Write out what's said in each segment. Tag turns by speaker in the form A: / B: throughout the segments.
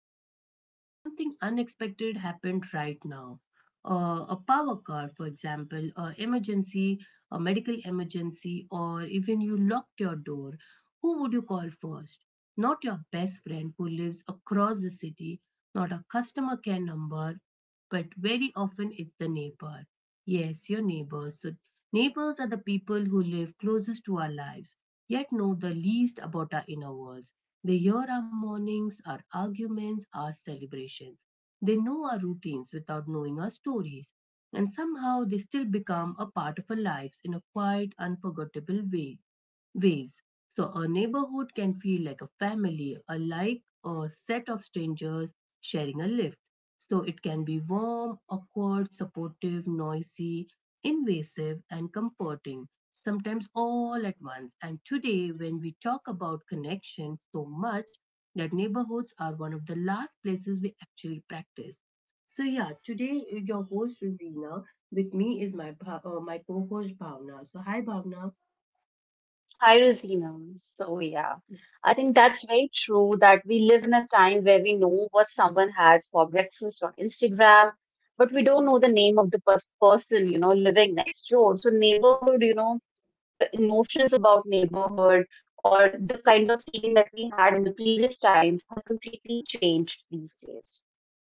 A: moment. If something unexpected happened right now, a power cut, for example, an emergency, a medical emergency, or even you locked your door, who would you call first? Not your best friend who lives across the city, not a customer care number, but very often it's the neighbor. Yes, your neighbors. So, neighbors are the people who live closest to our lives, yet know the least about our inner worlds. They hear our mornings, our arguments, our celebrations. They know our routines without knowing our stories. And somehow they still become a part of our lives in a quiet, unforgettable ways. So a neighborhood can feel like a family, a like a set of strangers sharing a lift. So it can be warm, awkward, supportive, noisy, invasive, and comforting, sometimes all at once. And today, when we talk about connection so much, that neighborhoods are one of the last places we actually practice. So yeah, today your host Rosina. With me is my my co-host Bhavna. So hi Bhavna.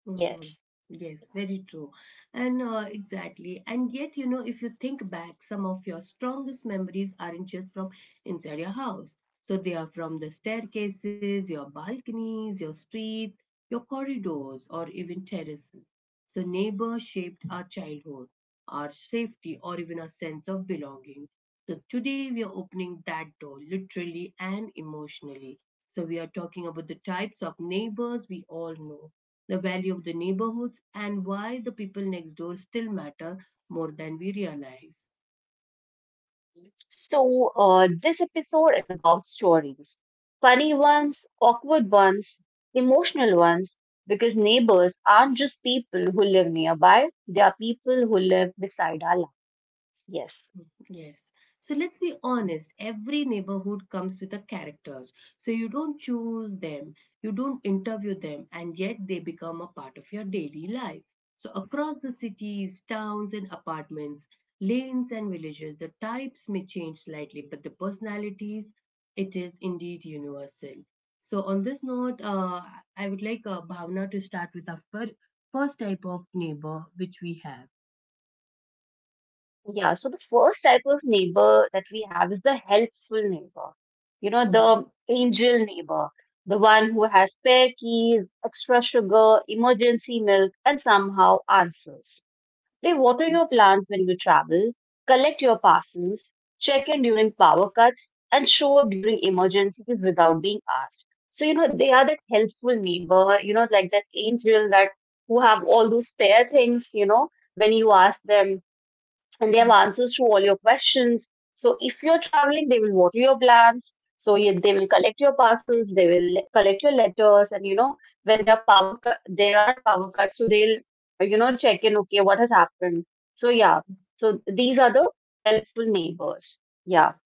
A: Mm-hmm. Yes, very true. And exactly. And yet, you know, if you think back, some of your strongest memories aren't just from inside your house. So they are from the staircases, your balconies, your streets, your corridors, or even terraces. So neighbors shaped our childhood, our safety, or even our sense of belonging. So today we are opening that door literally and emotionally. So we are talking about the types of neighbors we all know the value of the neighborhoods, and why the people next door still matter more than we realize. Yes. So let's be honest, every neighborhood comes with a characters. So you don't choose them, you don't interview them, and yet they become a part of your daily life. So across the cities, towns, and apartments, lanes and villages, the types may change slightly, but the personalities, it is indeed universal. So on this note, I would like Bhavna to start with our first type of neighbor which we have. Mhm.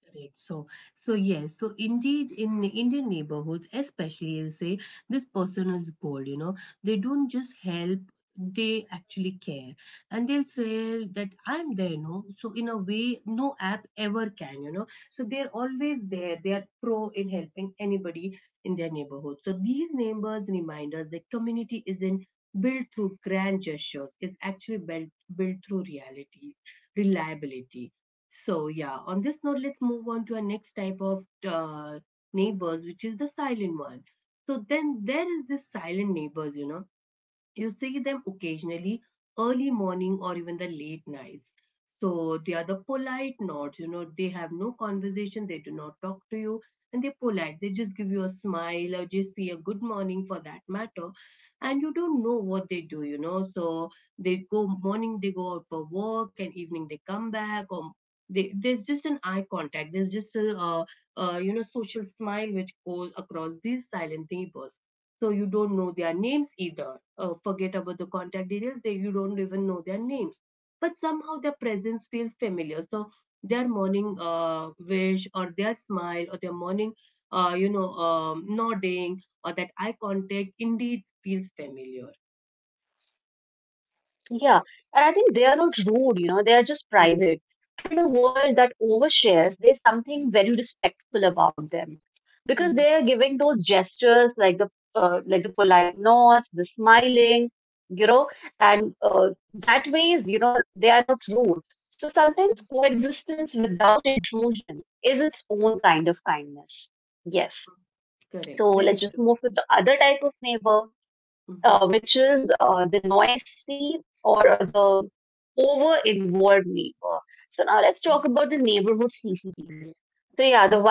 A: Correct. So yes, so indeed, in Indian neighborhoods, especially you say this person is gold, you know, they don't just help, they actually care. And they'll say that I'm there, you know. So, in a way, no app ever can, you know. So, they're always there. They are pro in helping anybody in their neighborhood. So, these neighbors remind us that community isn't built through grand gestures, it's built through reliability. So yeah, on this note, let's move on to our next type of neighbors, which is the silent one. So then there is this silent neighbors, you know, you see them occasionally, early morning or even the late nights. So they are the polite nods, you know, they have no conversation, they do not talk to you, and they're polite, they just give you a smile or just say a good morning for that matter, and you don't know what they do, you know. So they go morning, they go out for work and evening they come back, or there's just an eye contact, there's just a you know, social smile which goes across these silent neighbors, so you don't know their names either. Forget about the contact details; you don't even know their names. But somehow their presence feels familiar. So their morning wish, or their smile, or their morning, nodding, or that eye contact indeed feels familiar. Mm, mm. Correct. Very true. Mhm.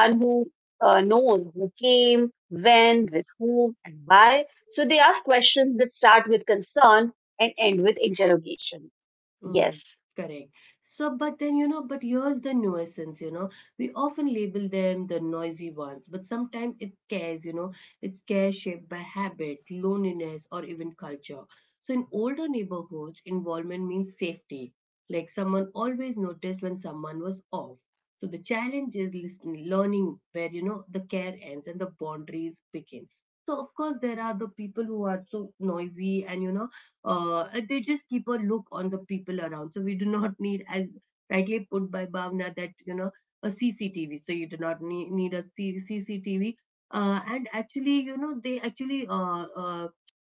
A: Mm-hmm. Correct. So, but then, you know, but here's the nuisance, you know, we often label them the noisy ones, but sometimes it cares, you know, it's care shaped by habit, loneliness, or even culture. So, in older neighborhoods, involvement means safety. Like someone always noticed when someone was off. So, the challenge is listening, learning where, you know, the care ends and the boundaries begin. So, of course, there are the people who are so noisy and, you know, they just keep a look on the people around. So we do not need, as rightly put by Bhavna, that you know, a CCTV. So you do not need, CCTV. And actually, you know, they actually uh, uh,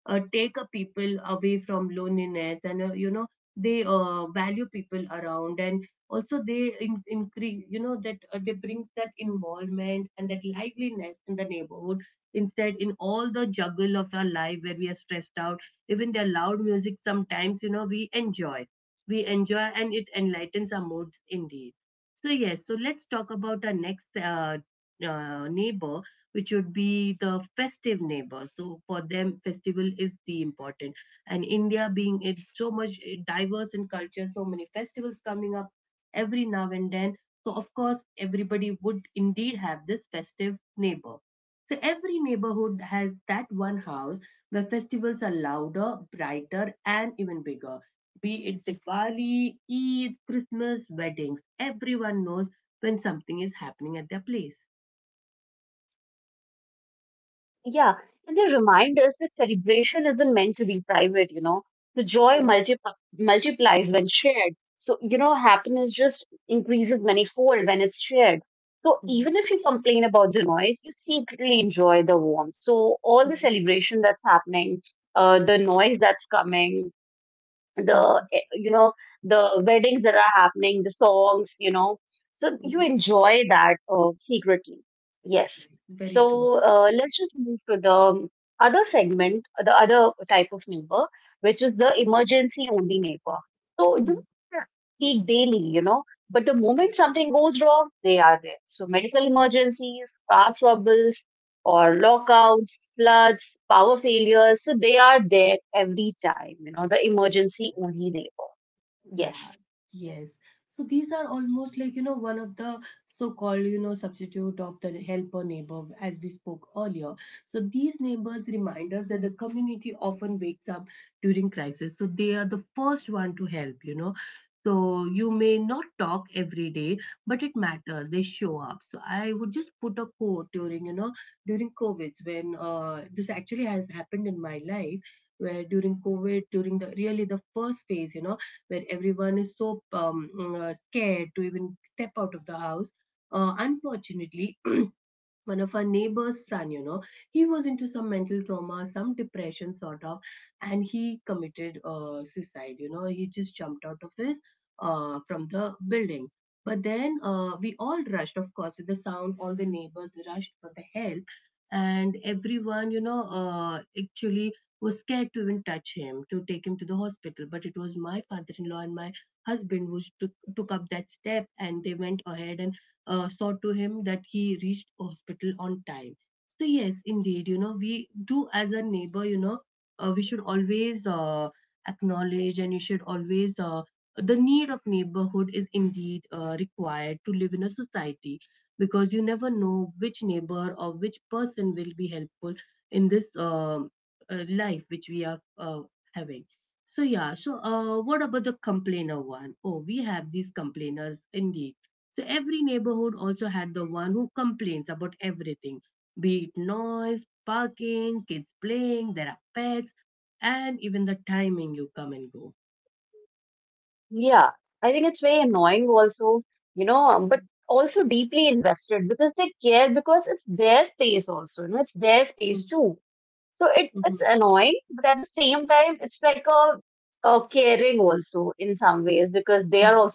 A: uh, take a people away from loneliness, and you know, they value people around, and also they increase, you know, that they brings that involvement and that liveliness in the neighborhood. Instead, in all the juggle of our life where we are stressed out, even their loud music sometimes, you know, we enjoy, and it enlightens our moods indeed. So yes, so let's talk about our next neighbor, which would be the festive neighbors. So for them, festival is the important. And India being it so much eh, diverse in culture, so many festivals coming up every now and then. So of course, everybody would indeed have this festive neighbor. So every neighborhood has that one house where festivals are louder, brighter, and even bigger. Be it Diwali, Eid, Christmas, weddings, everyone knows when something is happening at their place. Mhm. Mhm. Mhm. Very true. Mhm. Yeah, yes. So these are almost like, you know, one of the so-called, you know, substitute of the helper neighbor, as we spoke earlier. So these neighbors remind us that the community often wakes up during crisis. So they are the first one to help, you know. So you may not talk every day, but it matters. They show up. So I would just put a quote during, you know, during COVID when this actually has happened in my life, where during COVID, during the really the first phase, you know, where everyone is so scared to even step out of the house. Unfortunately, one of our neighbor's son, you know, he was into some mental trauma, some depression sort of, and he committed suicide, you know, he just jumped out of his from the building. But then we all rushed, of course, with the sound all the neighbors rushed for the help, and everyone, you know, actually was scared to even touch him to take him to the hospital, but it was my father-in-law and my husband who took up that step and they went ahead and saw to him that he reached hospital on time. So yes, indeed, you know, we do as a neighbor, you know, we should always acknowledge, and you should always the need of neighborhood is indeed required to live in a society, because you never know which neighbor or which person will be helpful in this life which we are having. So yeah, so what about the complainer one? Oh, we have these complainers indeed. So every neighborhood also had the one who complains about everything, be it noise, parking, kids playing, there are pets, and even the timing you come and go. Mhm, mhm, mhm.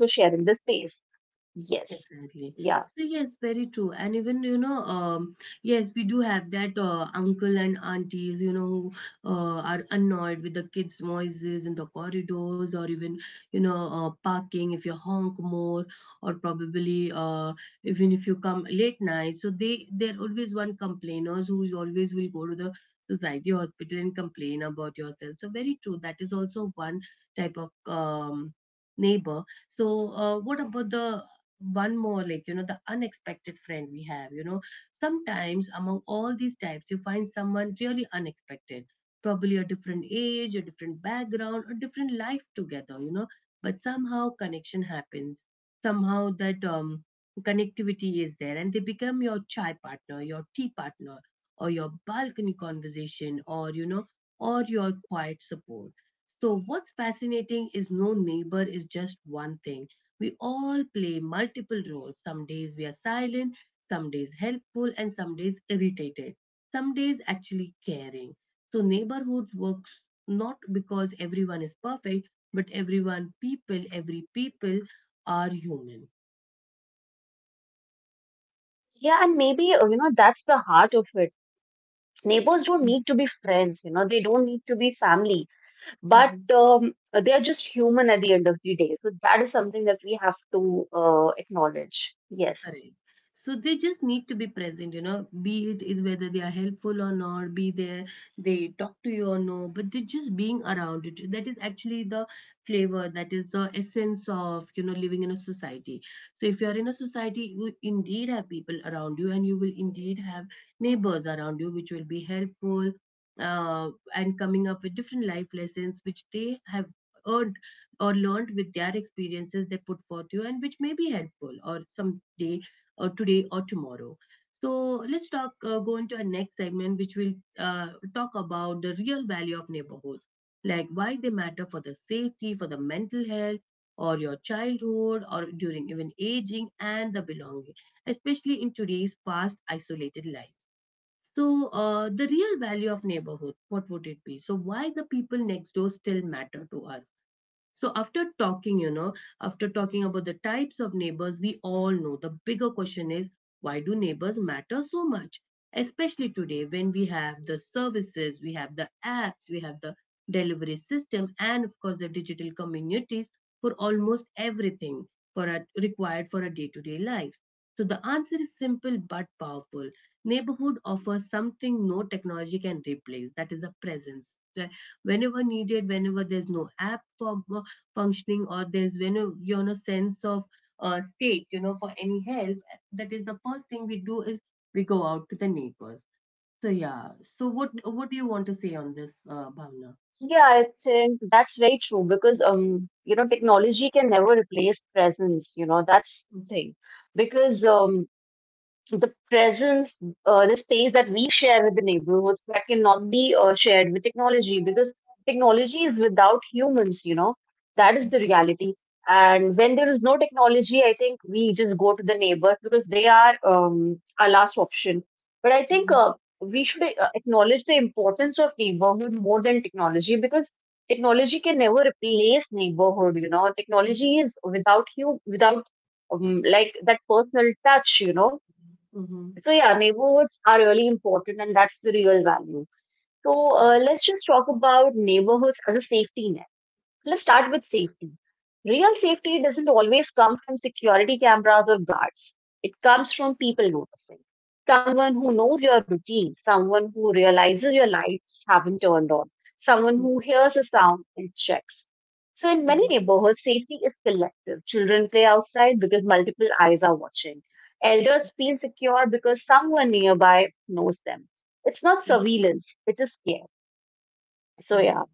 A: Exactly. So yes, very true. And even you know, yes, we do have that uncle and aunties, you know, who are annoyed with the kids' noises in the corridors, or even you know, parking if you honk more, or probably even if you come late night. So they're always one complainers who is always will go to the society hospital and complain about yourself. So very true. That is also one type of neighbor. So, what about the one more like, you know, the unexpected friend we have, you know, sometimes among all these types you find someone really unexpected, probably a different age, a different background, a different life together, you know, but somehow connection happens, somehow that connectivity is there, and they become your chai partner, your tea partner, or your balcony conversation, or you know, or your quiet support. So what's fascinating is no neighbor is just one thing. We all play multiple roles. Some days we are silent, some days helpful, and some days irritated, some days actually caring. So, neighborhoods works not because everyone is perfect, but everyone, people, every people are human. Mhm. Correct. So they just need to be present, you know, be it whether they are helpful or not, be there, they talk to you or no, but they just being around it. That is actually the flavor, that is the essence of, you know, living in a society. So if you are in a society, you will indeed have people around you and you will indeed have neighbors around you, which will be helpful and coming up with different life lessons, which they have earned or learned with their experiences they put forth you and which may be helpful or someday or today or tomorrow. So let's talk go into our next segment, which will uh, talk about the real value of neighborhoods, like why they matter for the safety, for the mental health or your childhood or during even aging and the belonging, especially in today's fast isolated life. So the real value of neighborhood, what would it be? So why the people next door still matter to us? So after talking about the types of neighbors, we all know the bigger question is, why do neighbors matter so much? Especially today when we have the services, we have the apps, we have the delivery system, and of course the digital communities for almost everything, required for our day-to-day lives. So the answer is simple but powerful. Neighborhood offers something no technology can replace, that is the presence. Like, whenever needed, whenever there's no app for functioning or there's when you know sense of state, you know, for any help, that is the first thing we do is we go out to the neighbors. So yeah, so what do you want to say on this, Bhavna? Mhm, mhm, mhm, mhm, mhm, mhm, mhm, mhm, mhm.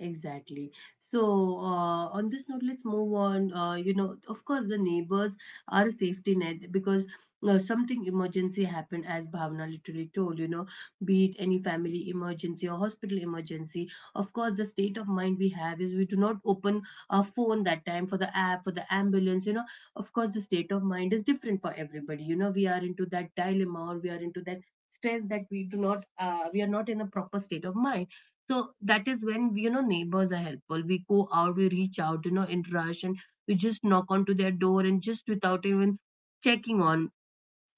A: Exactly. So, on this note, let's move on. You know, of course, the neighbors are a safety net because something emergency happened, as Bhavna literally told, you know, be it any family emergency or hospital emergency. Of course, the state of mind we have is we do not open our phone that time for the app, for the ambulance, you know. Of course, the state of mind is different for everybody. You know, we are into that dilemma or we are into that stress that we do not, we are not in a proper state of mind, so that is when we, you know, neighbors are helpful. We go out, we reach out, you know, interaction. We just knock onto their door and just without even checking on,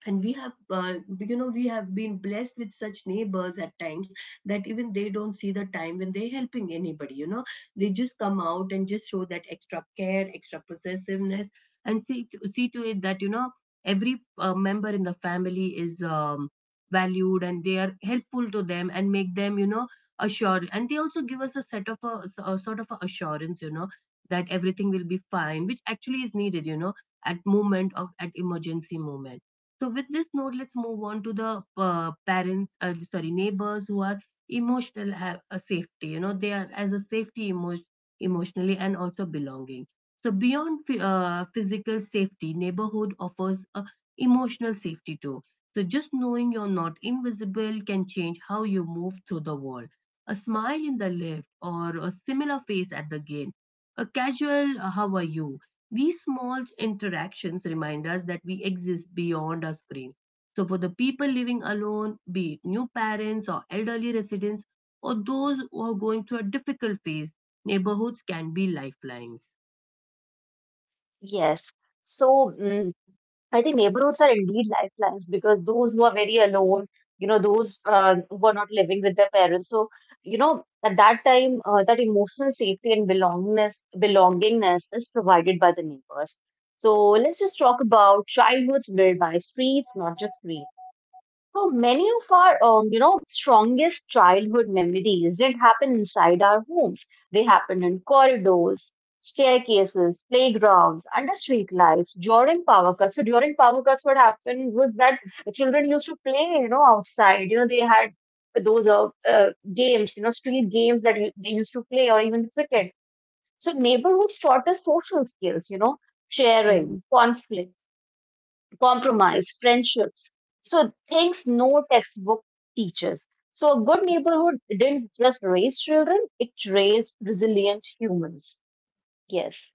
A: and we have you know, we have been blessed with such neighbors at times that even they don't see the time when they're helping anybody, you know. They just come out and just show that extra care, extra possessiveness, and see to it that, you know, every member in the family is valued and they are helpful to them and make them, you know, assured, and they also give us a set of a sort of a assurance, you know, that everything will be fine, which actually is needed, you know, at moment of at emergency moment. So with this note, let's move on to the neighbors who are emotional have a safety. You know, they are as a safety emotionally and also belonging. So beyond physical safety, neighborhood offers a emotional safety too. So just knowing you're not invisible can change how you move through the world. A smile in the lift or a similar face at the gate, a casual "How are you?" These small interactions remind us that we exist beyond our screen. So, for the people living alone, be it new parents or elderly residents, or those who are going through a difficult phase, neighborhoods can be lifelines.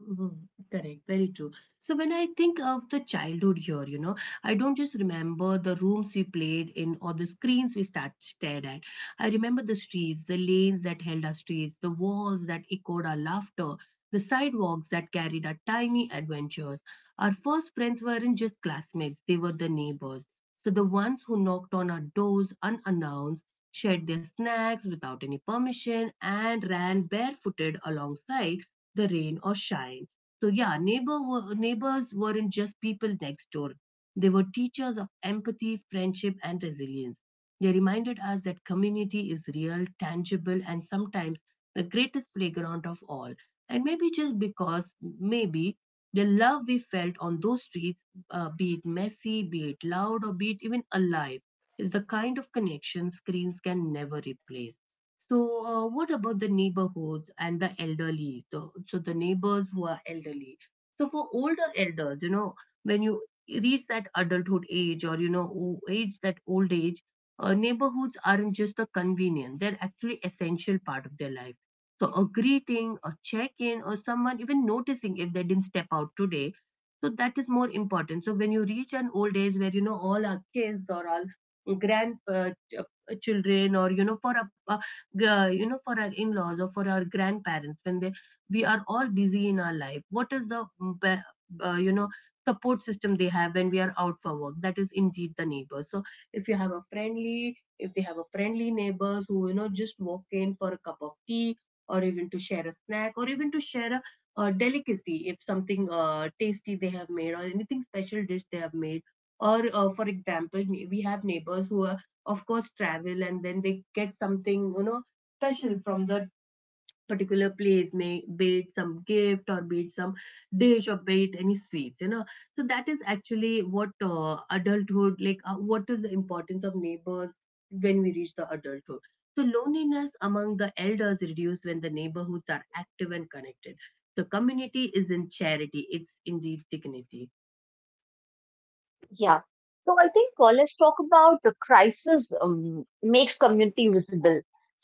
A: Mhm. Correct, very true. So when I think of the childhood here, you know, I don't just remember the rooms we played in or the screens we stared at. I remember the streets, the lanes that held our streets, the walls that echoed our laughter, the sidewalks that carried our tiny adventures. Our first friends weren't just classmates, they were the neighbors. So the ones who knocked on our doors unannounced, shared their snacks without any permission, and ran barefooted alongside the rain or shine. So yeah, neighbors weren't just people next door. They were teachers of empathy, friendship, and resilience. They reminded us that community is real, tangible, and sometimes the greatest playground of all. And maybe the love we felt on those streets, be it messy, be it loud, or be it even alive, is the kind of connection screens can never replace. So, what about the neighborhoods and the elderly? So, the neighbors who are elderly. So, for older elders, you know, when you reach that adulthood age or, you know, o- age that old age, neighborhoods aren't just a convenience, they're actually essential part of their life. So, a greeting, a check in, or someone even noticing if they didn't step out today. So, that is more important. So, when you reach an old age where, you know, all our kids or all children, or you know, for a you know, for our in-laws or for our grandparents, when they, we are all busy in our life, what is the be- you know, support system they have when we are out for work? That is indeed the neighbor. So if you have a friendly if they have a friendly neighbors who, you know, just walk in for a cup of tea or even to share a snack or even to share a delicacy, if something tasty they have made or anything special dish they have made, or for example, we have neighbors who are of course travel and then they get something, you know, special from that particular place, may be it some gift or be it some dish or be it any sweets, you know. So that is actually what adulthood like what is the importance of neighbors when we reach the adulthood. So loneliness among the elders reduced when the neighborhoods are active and connected. So community is in charity, it's indeed dignity.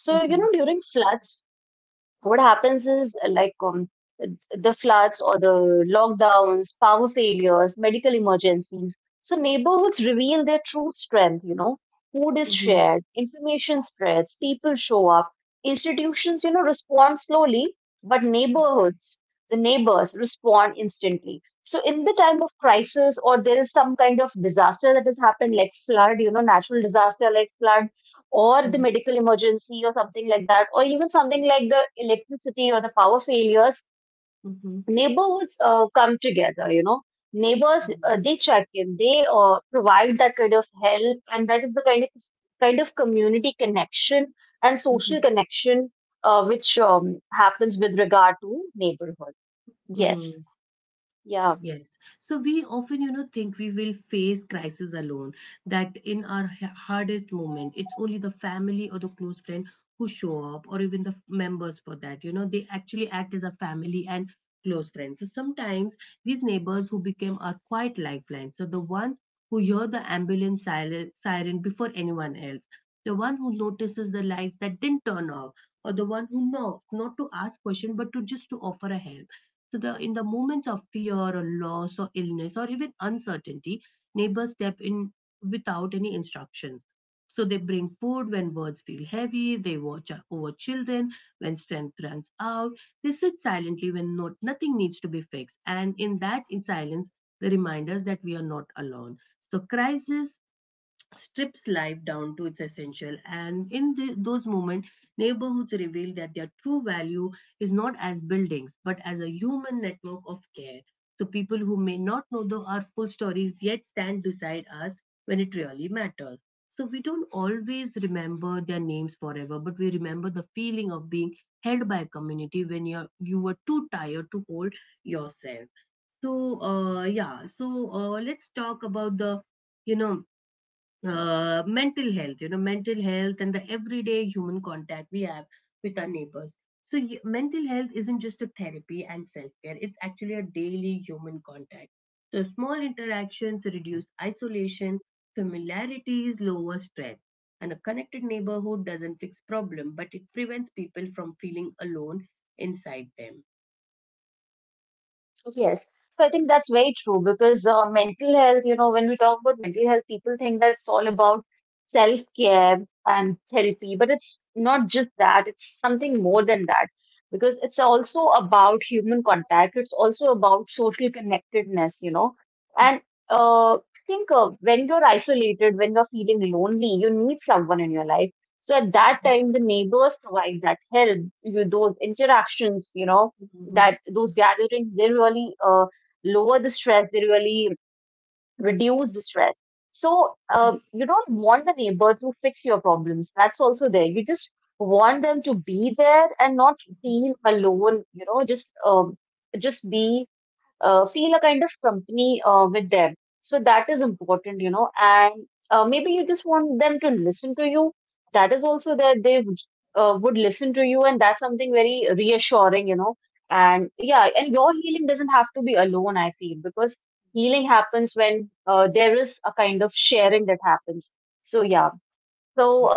A: Mhm, mhm, mhm, mhm, mhm, mhm, mhm. Yes. So we often, you know, think we will face crisis alone, that in our hardest moment, it's only the family or the close friend who show up, or even the members for that. You know, they actually act as a family and close friends. So sometimes these neighbors who became our quiet lifeline. So the ones who hear the siren before anyone else, the one who notices the lights that didn't turn off, or the one who knows not to ask question but to just to offer a help. So, the, in the moments of fear or loss or illness or even uncertainty, neighbors step in without any instructions. So, they bring food when words feel heavy, they watch over children when strength runs out, they sit silently when nothing needs to be fixed. And in that in silence, they remind us that we are not alone. So, crisis strips life down to its essential, and in those moments, neighborhoods reveal that their true value is not as buildings but as a human network of care. So people who may not know the our full stories yet stand beside us when it really matters. So we don't always remember their names forever, but we remember the feeling of being held by a community when you were too tired to hold yourself. So yeah, so let's talk about the, you know, mental health and the everyday human contact we have with our neighbors. So, mental health isn't just a therapy and self care, it's actually a daily human contact. So, small interactions reduce isolation, familiarities lower stress. And a connected neighborhood doesn't fix problem, but it prevents people from feeling alone inside them. Mhm. Mhm. Mhm. Mhm.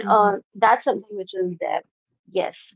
A: Mhm.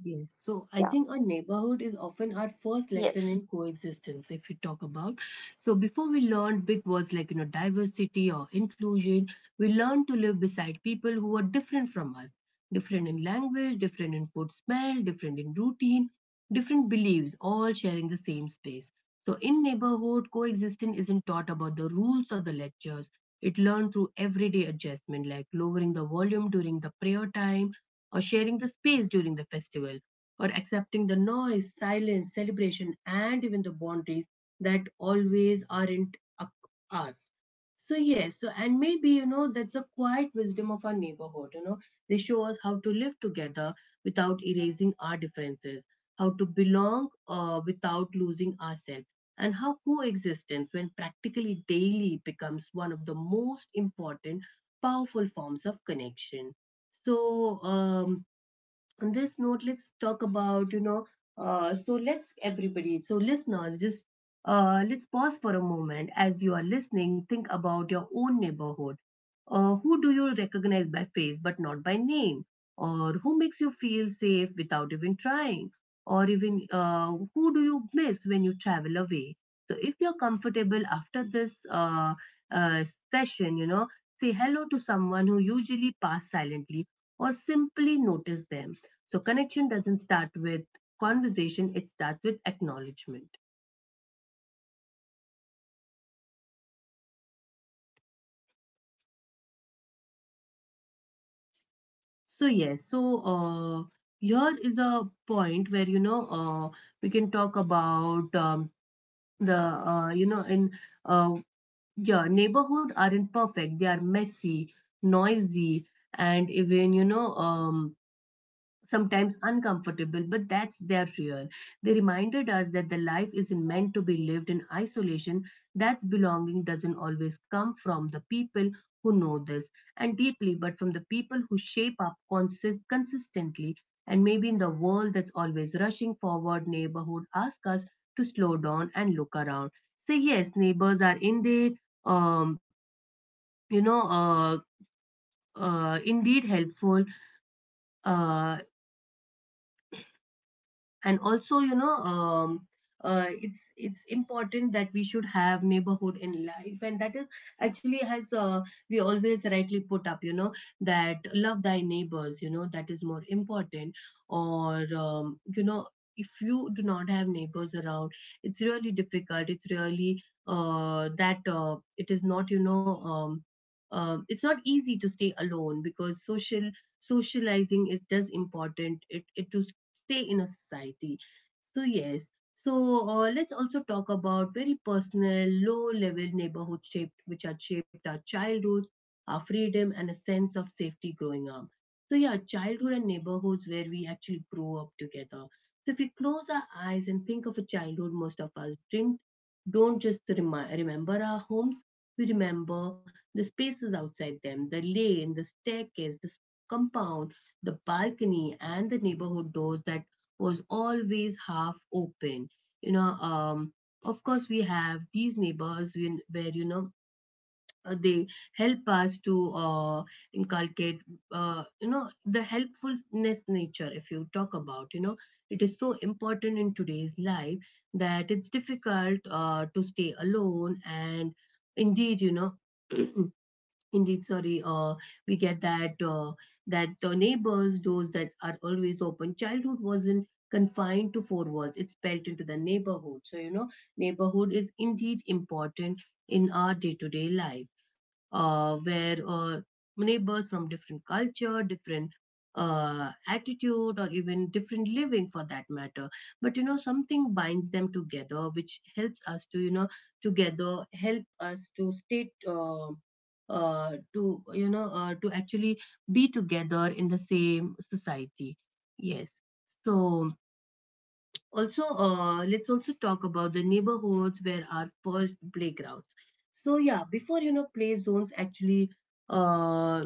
A: Yes, so I think our neighborhood is often our first lesson in coexistence, if we talk about. So, before we learn big words like, you know, diversity or inclusion, we learn to live beside people who are different from us, different in language, different in food smell, different in routine, different beliefs, all sharing the same space. So, in neighborhood, coexistence isn't taught about the rules or the lectures. It learned through everyday adjustment, like lowering the volume during the prayer time, or sharing the space during the festival, or accepting the noise, silence, celebration, and even the boundaries that always aren't us. So, yes, so and maybe you know that's the quiet wisdom of our neighborhood. You know, they show us how to live together without erasing our differences, how to belong without losing ourselves, and how coexistence, when practically daily, becomes one of the most important, powerful forms of connection. So, on this note, let's talk about, you know, let's everybody, so listeners, just let's pause for a moment as you are listening. Think about your own neighborhood. Who do you recognize by face but not by name? Or who makes you feel safe without even trying? Or even who do you miss when you travel away? So if you're comfortable after this uh, session, say hello to someone who usually pass silently or simply notice them. So connection doesn't start with conversation, it starts with acknowledgement. So yes, so here is a point where we can talk about the you know in uh, yeah, neighborhood aren't perfect. They are messy, noisy, and even sometimes uncomfortable, but that's their real. They reminded us that the life isn't meant to be lived in isolation. That's belonging doesn't always come from the people who know this and deeply, but from the people who shape up consistently. And maybe in the world that's always rushing forward, neighborhood ask us to slow down and look around. Say yes, neighbors are um, you know, uh, indeed helpful. Uh, and also it's important that we should have neighborhood in life, and that is actually has we always rightly put up, that love thy neighbors, that is more important. Or if you do not have neighbors around, it's really difficult it's really that It is not it's not easy to stay alone, because socializing is just important it to stay in a society. So, yes. So, let's also talk about very personal, low level neighborhood shaped, which had shaped our childhood, our freedom, and a sense of safety growing up. So, yeah, childhood and neighborhoods where we actually grow up together. So, if we close our eyes and think of a childhood, most of us didn't, don't just remember our homes, we remember the spaces outside them: the lane, the staircase, the compound, the balcony, and the neighborhood doors that was always half open you know um of course we have these neighbors where they help us to inculcate, the helpfulness nature. If you talk about, it is so important in today's life, that it's difficult to stay alone. And indeed, indeed, sorry, we get that the neighbors, doors that are always open. Childhood wasn't confined to four walls; it's built into the neighborhood. So, neighborhood is indeed important in our day-to-day life, where neighbors from different culture, different attitude, or even different living, for that matter. But, something binds them together, which helps us to, together help us to stay. To to actually be together in the same society. Yes. So also, let's also talk about the neighborhoods where our first playgrounds. So yeah, before, play zones actually. uh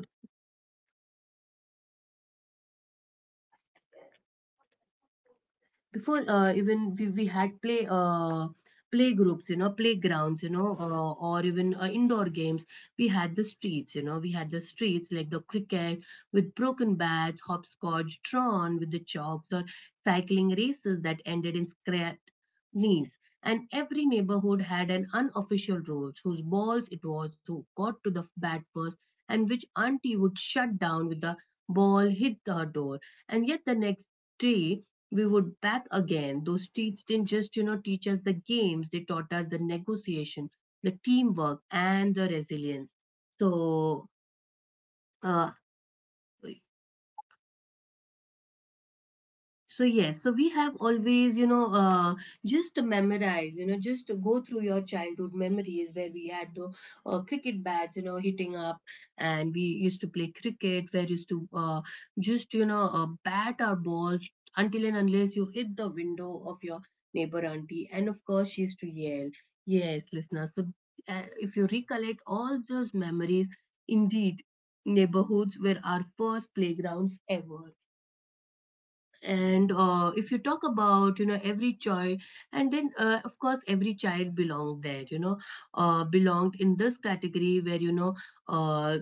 A: Before, we had play, playgroups, playgrounds, or even indoor games. We had the streets, like the cricket with broken bats, hopscotch drawn with the chalks, or cycling races that ended in scraped knees. And every neighborhood had an unofficial rules: whose balls it was, who got to the bat first, and which auntie would shut down with the ball hit her door. And yet the next day we would back again. Those streets didn't just teach us the games, they taught us the negotiation, the teamwork, and the resilience. So, uh, so yes, so we have always, just to memorize, just to go through your childhood memories, where we had the cricket bats, hitting up, and we used to play cricket, where used to bat our balls, until and unless you hit the window of your neighbor auntie, and of course she used to yell. Yes, listeners. So, if you recollect all those memories, indeed, neighborhoods were our first playgrounds ever. And if you talk about, every child, and then, of course every child belonged there, belonged in this category where, uh,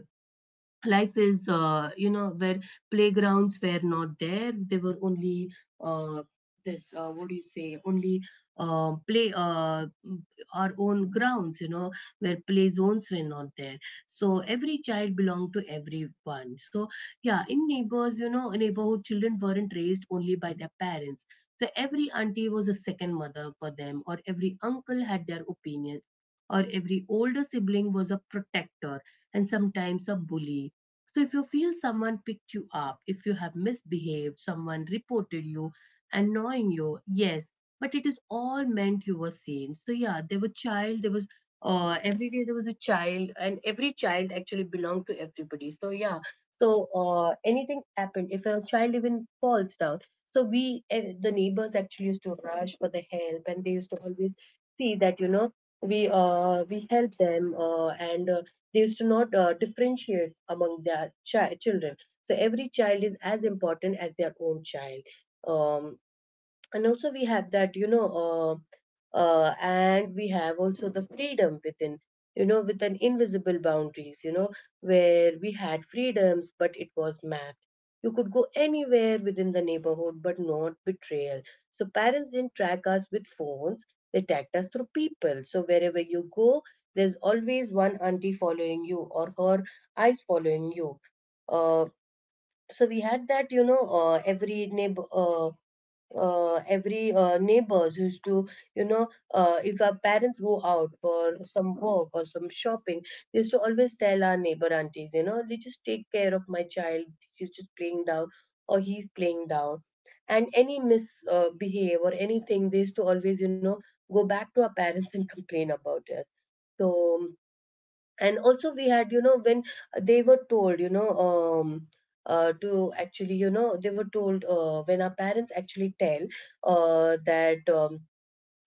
A: life is, where playgrounds were not there, they were only uh, this what do you say, only play our own grounds, where play zones were not there, so every child belonged to everyone. So yeah, in neighbors you know neighborhood children weren't raised only by their parents. So every auntie was a second mother for them, or every uncle had their opinions, or every older sibling was a protector, and sometimes a bully. So if you feel someone picked you up, if you have misbehaved, someone reported you, annoying you, yes, but it is all meant you were seen. So yeah, there were child, there was every day there was a child, and every child actually belonged to everybody. So yeah, so anything happened, if a child even falls down, so the neighbors actually used to rush for the help, and they used to always see that, we help them, and they used to not differentiate among their children. So every child is as important as their own child. um, and also we have that, and we have also the freedom within, with an invisible boundaries, where we had freedoms, but it was mapped. You could go anywhere within the neighborhood, but not betrayal. So parents didn't track us with phones, they tracked us through people. So wherever you go, there's always one auntie following you, or her eyes following you. uh, so we had that, every neighbor every neighbors used to, you know if our parents go out for some work or some shopping, they used to always tell our neighbor aunties, they just take care of my child, she's just playing down or he's playing down. And any misbehave or anything, they used to always, go back to our parents and complain about it. So. And also we had, when they were told, to actually, they were told when our parents actually tell that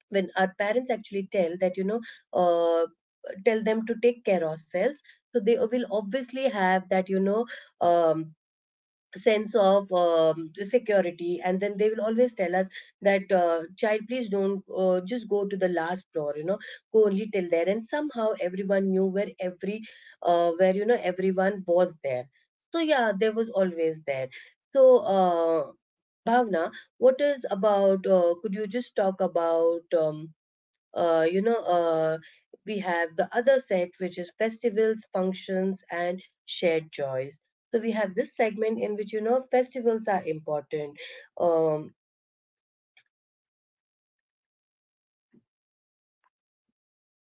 A: when our parents actually tell that, uh, tell them to take care ourselves. So they will obviously have that, um, sense of security, and then they will always tell us that, child, please don't just go to the last floor, go only till there. And somehow everyone knew where every, where you know everyone was there. So yeah, there was always there. So, Bhavna, what is about, could you just talk about, uh, you know uh, we have the other set, which is festivals, functions, and shared joys. So we have this segment in which, festivals are important. um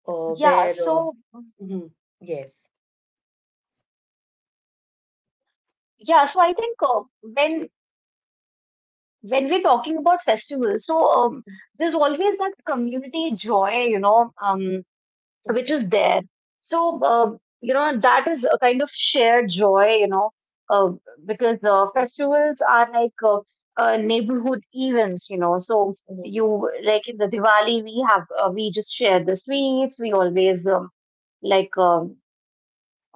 B: Yeah,
A: where
B: so
A: mhm, yes.
B: yeah, so I think when we're talking about festivals, so there's always that community joy, which
A: Mhm.
B: is there. So that is a kind of shared joy, uh, because festivals are like neighborhood events. So
A: Mhm,
B: you like in the Diwali, we have we just share the sweets. We always like uh,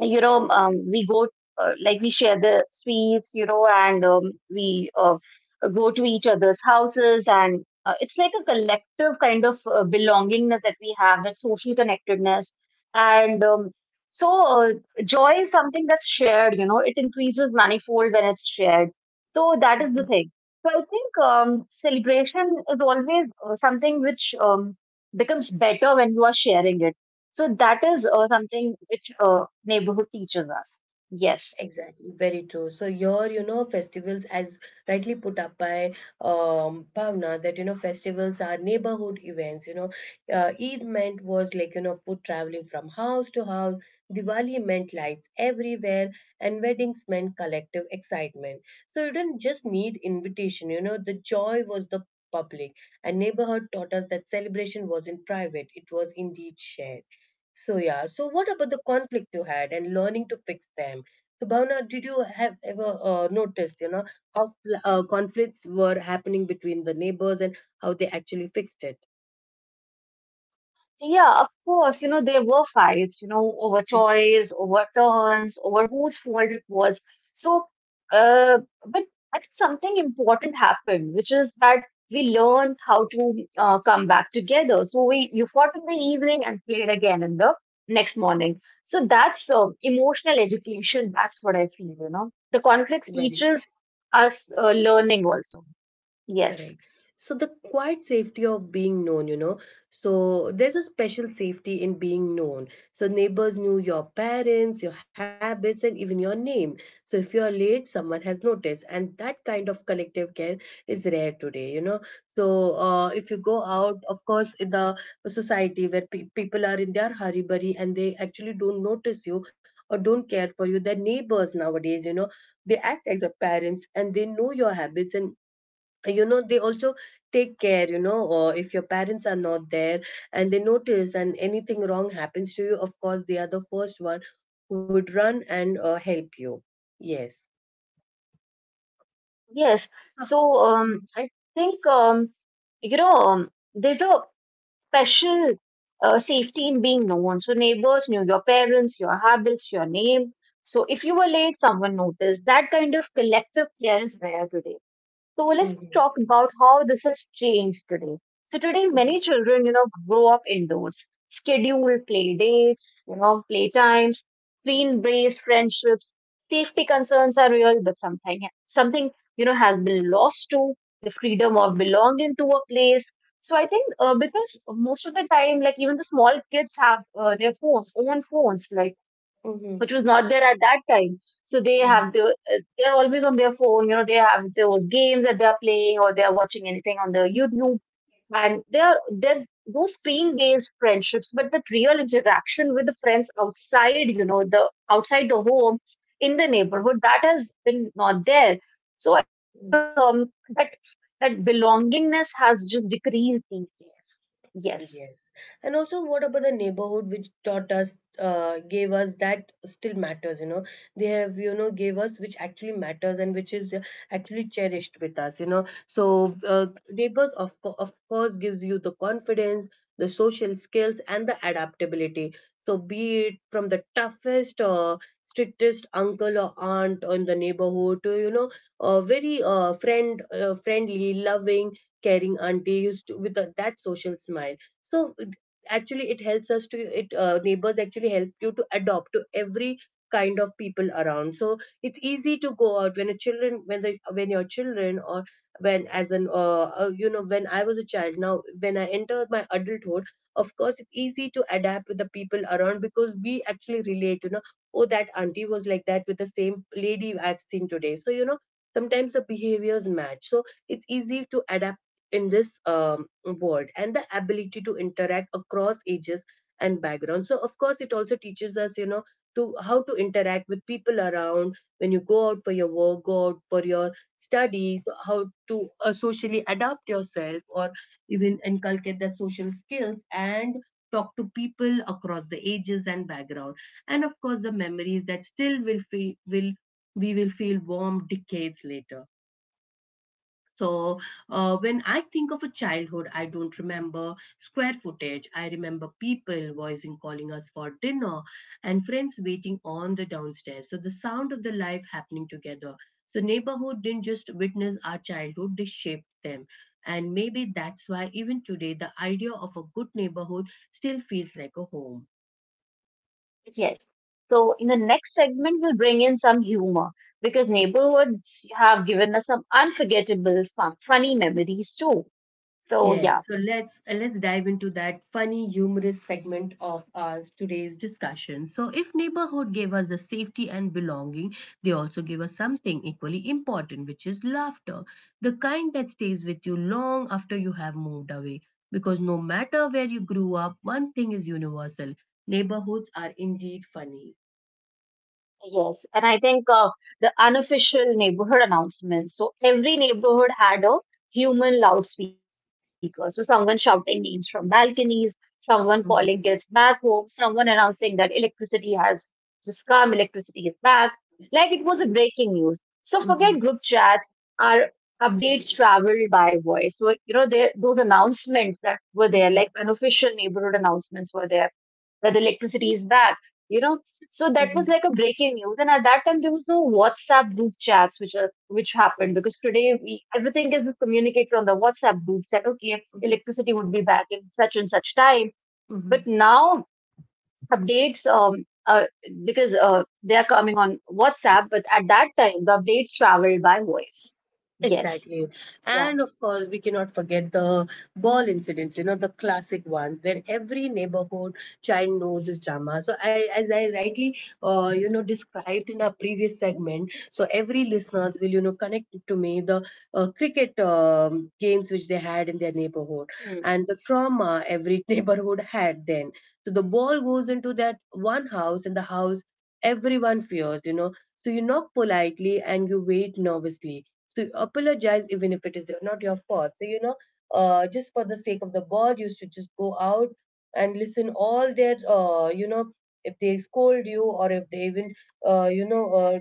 B: we go, we share the sweets, and we go to each other's houses. And it's like a collective kind of belongingness that we have, that social connectedness. And so, uh, joy is something that's shared; it increases manifold when it's shared. So, that is the
A: mhm.
B: thing. So, I think celebration is always something which becomes better when you are sharing it, so that is something which neighborhood teaches us. Yes.
A: Exactly, very true. So your, festivals, as rightly put up by Bhavna, that, festivals are neighborhood events. Eid meant was like, food traveling from house to house. Diwali meant lights everywhere, and weddings meant collective excitement. So you didn't just need invitation. The joy was the public, and neighborhood taught us that celebration wasn't private; it was indeed shared. So yeah, so what about the conflict you had and learning to fix them? So Bhavna, did you have ever noticed, how conflicts were happening between the neighbors, and how they actually fixed it?
B: Yeah, of course, you know, there were fights, you know, over
A: Mm.
B: toys, over turns, over whose fault it was. So, uh, but I think something important happened, which is that we learned how to come back together. So we you fought in the evening and played again in the next morning. So that's emotional education. That's what I feel, you know. The conflicts
A: Very.
B: teaches us learning also. Yes.
A: Correct. So the quiet safety of being known. So there's a special safety in being known. So neighbors knew your parents, your habits, and even your name. So if you're late, someone has noticed, and that kind of collective care is rare today. So if you go out, of course, in the society where people are in their hurry burry, and they actually don't notice you or don't care for you, their neighbors nowadays, they act as your parents and they know your habits. And, they also take care, or if your parents are not there and they notice, and anything wrong happens to you, of course they are the first one who would run and help you. Yes.
B: Yes. So
A: Mm-hmm.
B: I think there's a special safety in being known. So neighbors knew your parents, your habits, your name. So if you were late, someone noticed. That kind of collective care is rare today. So let's
A: Mm-hmm.
B: talk about how this has changed today. So today, many children, you know, grow up indoors, scheduled play dates, you know, play times, screen-based friendships. Safety concerns are real, but something has been lost to the freedom
A: Mm-hmm.
B: of belonging to a place. So I think because most of the time, like even the small kids have their phones, own phones, like
A: Mm-hmm.
B: which was not there at that time. So they have they're always on their phone. You know, they have those games that they're playing or they're watching anything on the YouTube, and they're those screen based friendships, but that real interaction with the friends outside, you know, the outside the home in the
A: Mm-hmm.
B: neighborhood that has been not there. So I think that belongingness has just decreased these days. Yes.
A: Yes. And also, what about the neighborhood which gave us that still matters? They have, gave us which actually matters, and which is actually cherished with us? So, neighbors, of course, gives you the confidence, the social skills, and the adaptability. So, be it from the toughest or strictest uncle or aunt in the neighborhood to, you know, a very friendly, loving, caring auntie used to, with a, that social smile so actually it helps us to it neighbors actually help you to adopt to every kind of people around. So it's easy to go out when your children or when as an you know when I was a child now when I enter my adulthood, of course it's easy to adapt with the people around because we actually relate, you know, oh that auntie was like that with the same lady I've seen today. So, you know, sometimes the behaviors match, so it's easy to adapt in this world, and the ability to interact across ages and backgrounds. So of course it also teaches us, you know, to how to interact with people around when you go out for your work, go out for your studies, how to socially adapt yourself or even inculcate the social skills and talk to people across the ages and background. And of course the memories that still will feel will we will feel warm decades later. So, when I think of a childhood, I don't remember square footage. I remember people voicing calling us for dinner and friends waiting on the downstairs. So, the sound of the life happening together. So, neighborhood didn't just witness our childhood, they shaped them. And maybe that's why even today the idea of a good neighborhood still feels like a home.
B: Yes. So in the next segment, we'll bring in some humor because neighborhoods have given us some unforgettable, fun, funny memories too. So yeah.
A: Yes, so let's dive into that funny, humorous segment of our today's discussion. So, if neighborhood gave us the safety and belonging, they also give us something equally important, which is laughter, the kind that stays with you long after you have moved away. Because no matter where you grew up, one thing is universal: neighborhoods are indeed funny.
B: Yes, and I think the unofficial neighborhood announcements. So every neighborhood had a human loudspeaker. So someone shouting names from balconies, someone calling kids
A: Mhm,
B: back home, someone announcing that electricity has just come, electricity is back. Like it was a breaking news. So forget
A: mhm,
B: group chats. Our updates traveled by voice. So you know there, those announcements that were there,
A: mhm,
B: like unofficial neighborhood announcements, were there, that electricity is back. You know, so that was
A: mhm,
B: like a breaking news. And at that time, there was no WhatsApp group chats, which are, which happened because
A: correct.
B: today we everything is communicated on the WhatsApp group chat. Okay,
A: Mhm,
B: electricity would be back in such and such time.
A: mhm.
B: But now updates, because they are coming on WhatsApp, but at that time the updates traveled by voice. Yes,
A: Exactly.
B: yeah.
A: And of course, we cannot forget the ball incidents, you know, the classic ones where every neighborhood child knows his drama. So I, as I rightly, you know, described in our previous segment, so every listeners will, you know, connect to me the cricket games which they had in their neighborhood
B: Hmm.
A: and the trauma every neighborhood had then. So the ball goes into that one house and the house everyone fears, you know. So you knock politely and you wait nervously, so apologize even if it is not your fault. So you know, just for the sake of the bird, you should just go out and listen all their, you know, if they scold you or if they even, uh, you know, uh,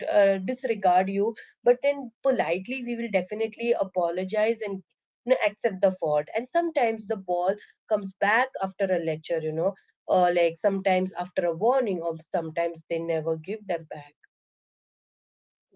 A: disregard you. But then politely, we will definitely apologize and, you know, accept the fault. And sometimes the ball comes back after a lecture, you know, like sometimes after a warning, or sometimes they never give them back.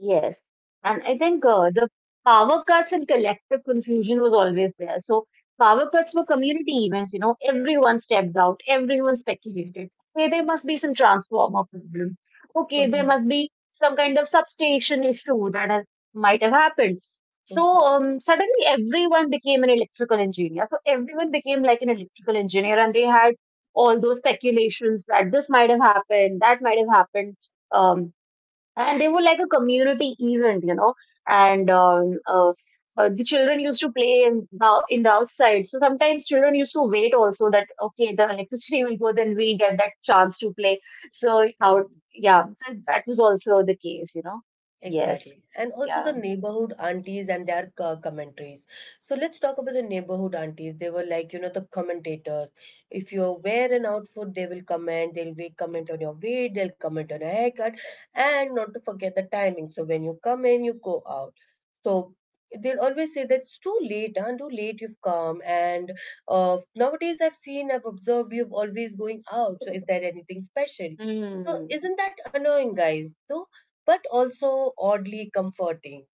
B: Yes. And I think the power cuts and collective confusion was always there. So power cuts were community events, you know, everyone stepped out, everyone speculated. Hey, there must be some transformer problem. Okay, there
A: Hmm.
B: must be some kind of substation issue that has, might have happened. So
A: Hmm.
B: suddenly everyone became an electrical engineer. So everyone became like an electrical engineer and they had all those speculations that this might have happened, that might have happened um and they were like a community event, you know. And the children used to play in the outside. So sometimes children used to wait also that okay, the electricity will go, then we'll get that chance to play. So how yeah, so that was also the case, you know. Yes,
A: Exactly. And also the
B: yeah.
A: neighborhood aunties and their co- commentaries. So let's talk about the neighborhood aunties. They were like, you know, the commentators. If you wear an outfit, they will comment. They'll be comment on your weight. They'll comment on your haircut. And not to forget the timing. So when you come in, you go out. So they'll always say that it's too late, huh? Too late you've come. And nowadays I've seen, I've observed you've always going out. So is there anything special? So
B: Mm.
A: isn't that annoying, guys? So, but also oddly comforting.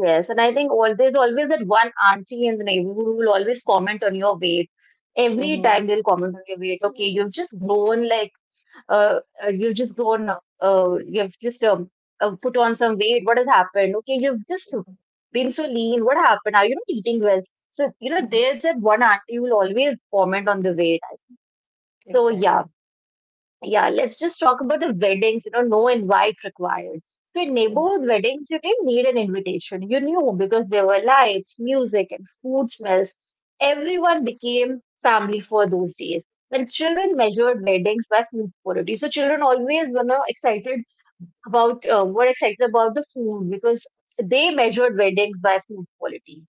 B: Yes, and I think all there's always that one auntie in the neighborhood who will always comment on your weight. Every
A: Mm-hmm.
B: time they'll comment on your weight. Okay,
A: Mm-hmm.
B: you've just grown like you've just grown up, you've just put on some weight. What has happened? Okay, you've just
A: Mm-hmm.
B: been so lean. What happened? Are you not eating well? So, you know, there's
A: Mm-hmm.
B: that one auntie who will always comment on the weight. So, yeah,
A: Exactly.
B: yeah, let's just talk about the weddings, you know, no invite required. So in
A: Mm-hmm.
B: neighborhood weddings, you didn't need an invitation. You knew because there were lights, music, and food smells. Everyone became family for those days. And children measured weddings by food quality. So children always were now excited about, were excited about the food because they measured weddings by food quality.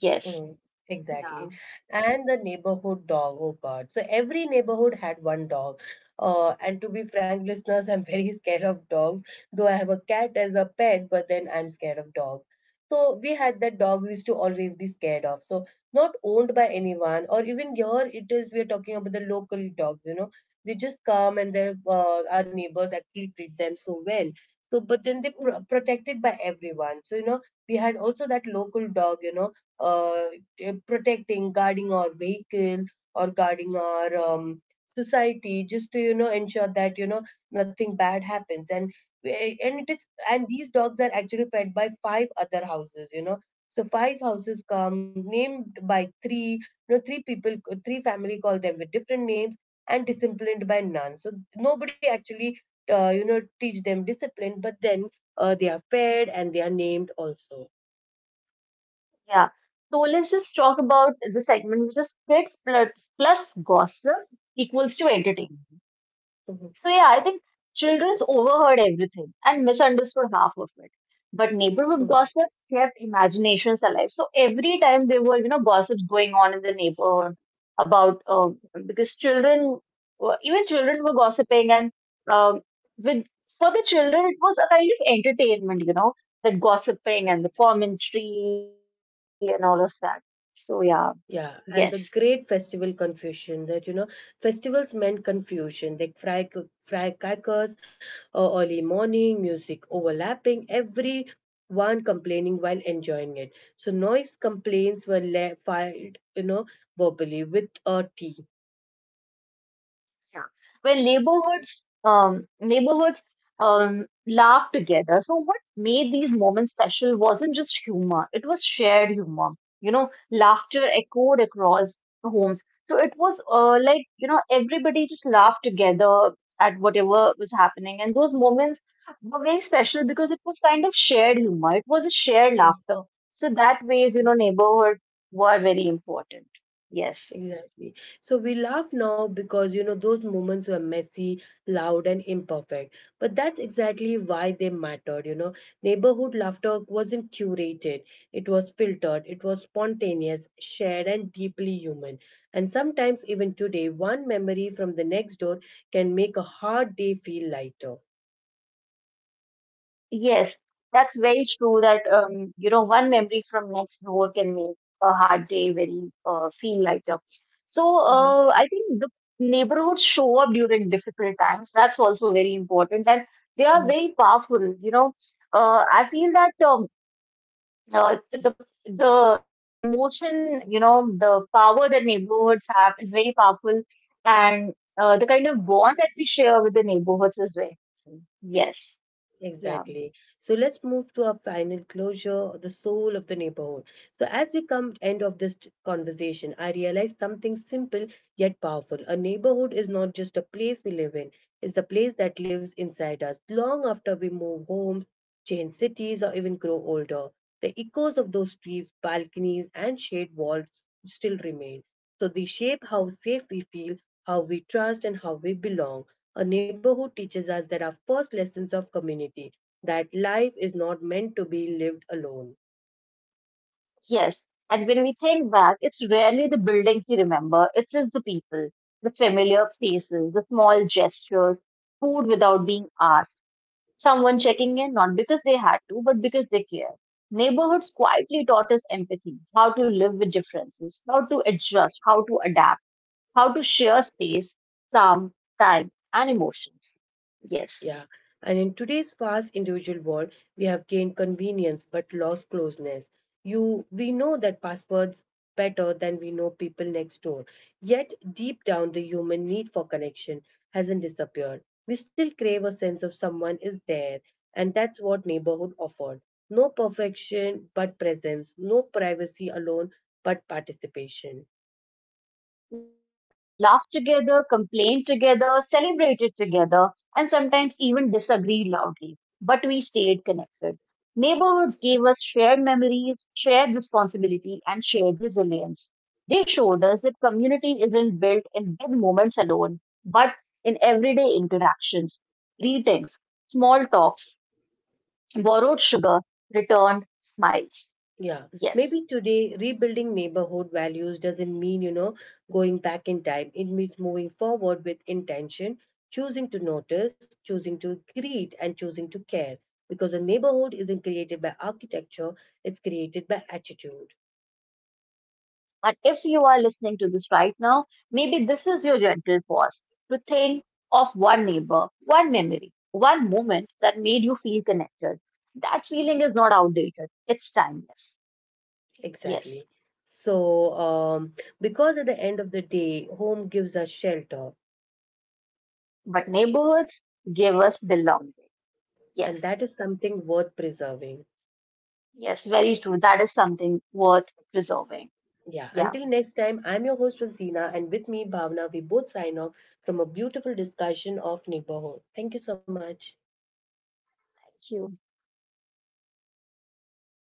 B: Yes.
A: Mm, exactly.
B: Yeah.
A: And the neighborhood dog, oh God. So every neighborhood had one dog. And to be frank, listeners, I'm very scared of dogs, though I have a cat as a pet, but then I'm scared of dogs. So we had that dog we used to always be scared of. So not owned by anyone, or even here it is, we're talking about the local dogs, you know. They just come and they our neighbors actually treat them so well. So, but then they protected by everyone. So, you know, we had also that local dog, you know, uh, protecting, guarding our vehicle or guarding our society, just to you know ensure that you know nothing bad happens. And eh, and it is and these dogs are actually fed by five other houses. You know, so five houses come named by three. You know, three people, three family call them with different names and disciplined by none. So nobody actually, you know, teach them discipline, but then they are fed and they are named also.
B: Yeah. So let's just talk about the segment which is kids plus, plus gossip equals to entertainment.
A: Mhm,
B: So yeah, I think children's overheard everything and misunderstood half of it. But
A: mhm,
B: neighborhood gossip kept imaginations alive. So every time there were, you know, gossips going on in the neighborhood about because even children were gossiping, and um, with for the children it was a kind of entertainment, you know, that gossiping and the
A: correct.
B: commentary and all of that. So yeah, yes.
A: Yeah, and the great festival confusion that you know festivals meant confusion. They fry firecrackers, early morning music overlapping, everyone complaining while enjoying it. So noise complaints were filed, you know, verbally with a tea.
B: Yeah, where neighborhoods laughed together. So what made these moments special wasn't just humor; it was shared humor. You know, laughter echoed across the homes. So it was like you know everybody just laughed together at whatever was happening, and those moments were very special because it was kind of shared humor. It was a shared laughter. So that ways, you know, neighborhood were very important. Yes.
A: Exactly. So we laugh now because you know those moments were messy, loud, and imperfect. But that's exactly why they mattered. You know, neighborhood laughter wasn't curated, it was filtered, it was spontaneous, shared, and deeply human. And sometimes, even today, one memory from the next door can make a hard day feel lighter.
B: Yes, that's very true that you know, one memory from next door can make a hard day very feel lighter. So
A: Mhm.
B: I think the neighborhoods show up during difficult times. That's also very important, and they are very powerful. You know, I feel that uh, the emotion, you know, the power that neighborhoods have is very powerful, and the kind of bond that we share with the neighborhoods is very powerful. Yes. Yeah.
A: Exactly. So let's move to our final closure, the soul of the neighborhood. So as we come end of this conversation, I realize something simple yet powerful. A neighborhood is not just a place we live in, it's the place that lives inside us long after we move homes, change cities, or even grow older. The echoes of those streets, balconies, and shade walls still remain. So they shape how safe we feel, how we trust, and how we belong. A neighborhood teaches us that our first lessons of community that life is not meant to be lived alone.
B: Yes, and when we think back, it's rarely the buildings we remember, it's just the people, the familiar faces, the small gestures, food without being asked, someone checking in not because they had to, but because they care. Neighborhoods quietly taught us empathy, how to live with differences, how to adjust, how to adapt, how to share space, calm, time, and emotions. Yes.
A: Yeah. And in today's fast individual world, we have gained convenience but lost closeness. You we know that passwords better than we know people next door. Yet deep down the human need for connection hasn't disappeared. We still crave a sense of someone is there, and that's what neighborhood offered. No perfection but presence, no privacy alone but participation.
B: Yeah, we laugh together, complain together, celebrated together, and sometimes even disagreed loudly. But we stayed connected. Neighborhoods gave us shared memories, shared responsibility, and shared resilience. They showed us that community isn't built in big moments alone, but in everyday interactions, greetings, small talks, borrowed sugar, returned smiles.
A: Yeah,
B: Yes.
A: maybe today rebuilding neighborhood values doesn't mean, you know, going back in time. It means moving forward with intention, choosing to notice, choosing to greet, and choosing to care. Because a neighborhood isn't created by architecture, it's created by attitude.
B: But if you are listening to this right now, maybe this is your gentle pause to think of one neighbor, one memory, one moment that made you feel connected. That feeling is not outdated, it's timeless. Yes,
A: Exactly. So, because at the end of the day, home gives us shelter,
B: but neighborhoods give us belonging.
A: and that is
B: Yes,
A: something worth preserving.
B: yes, very true. That is something worth preserving.
A: Yeah, until
B: Yeah,
A: next time, I'm your host, Rosina, and with me, Bhavna, we both sign off from a beautiful discussion of neighborhood. Thank you so much.
B: thank you.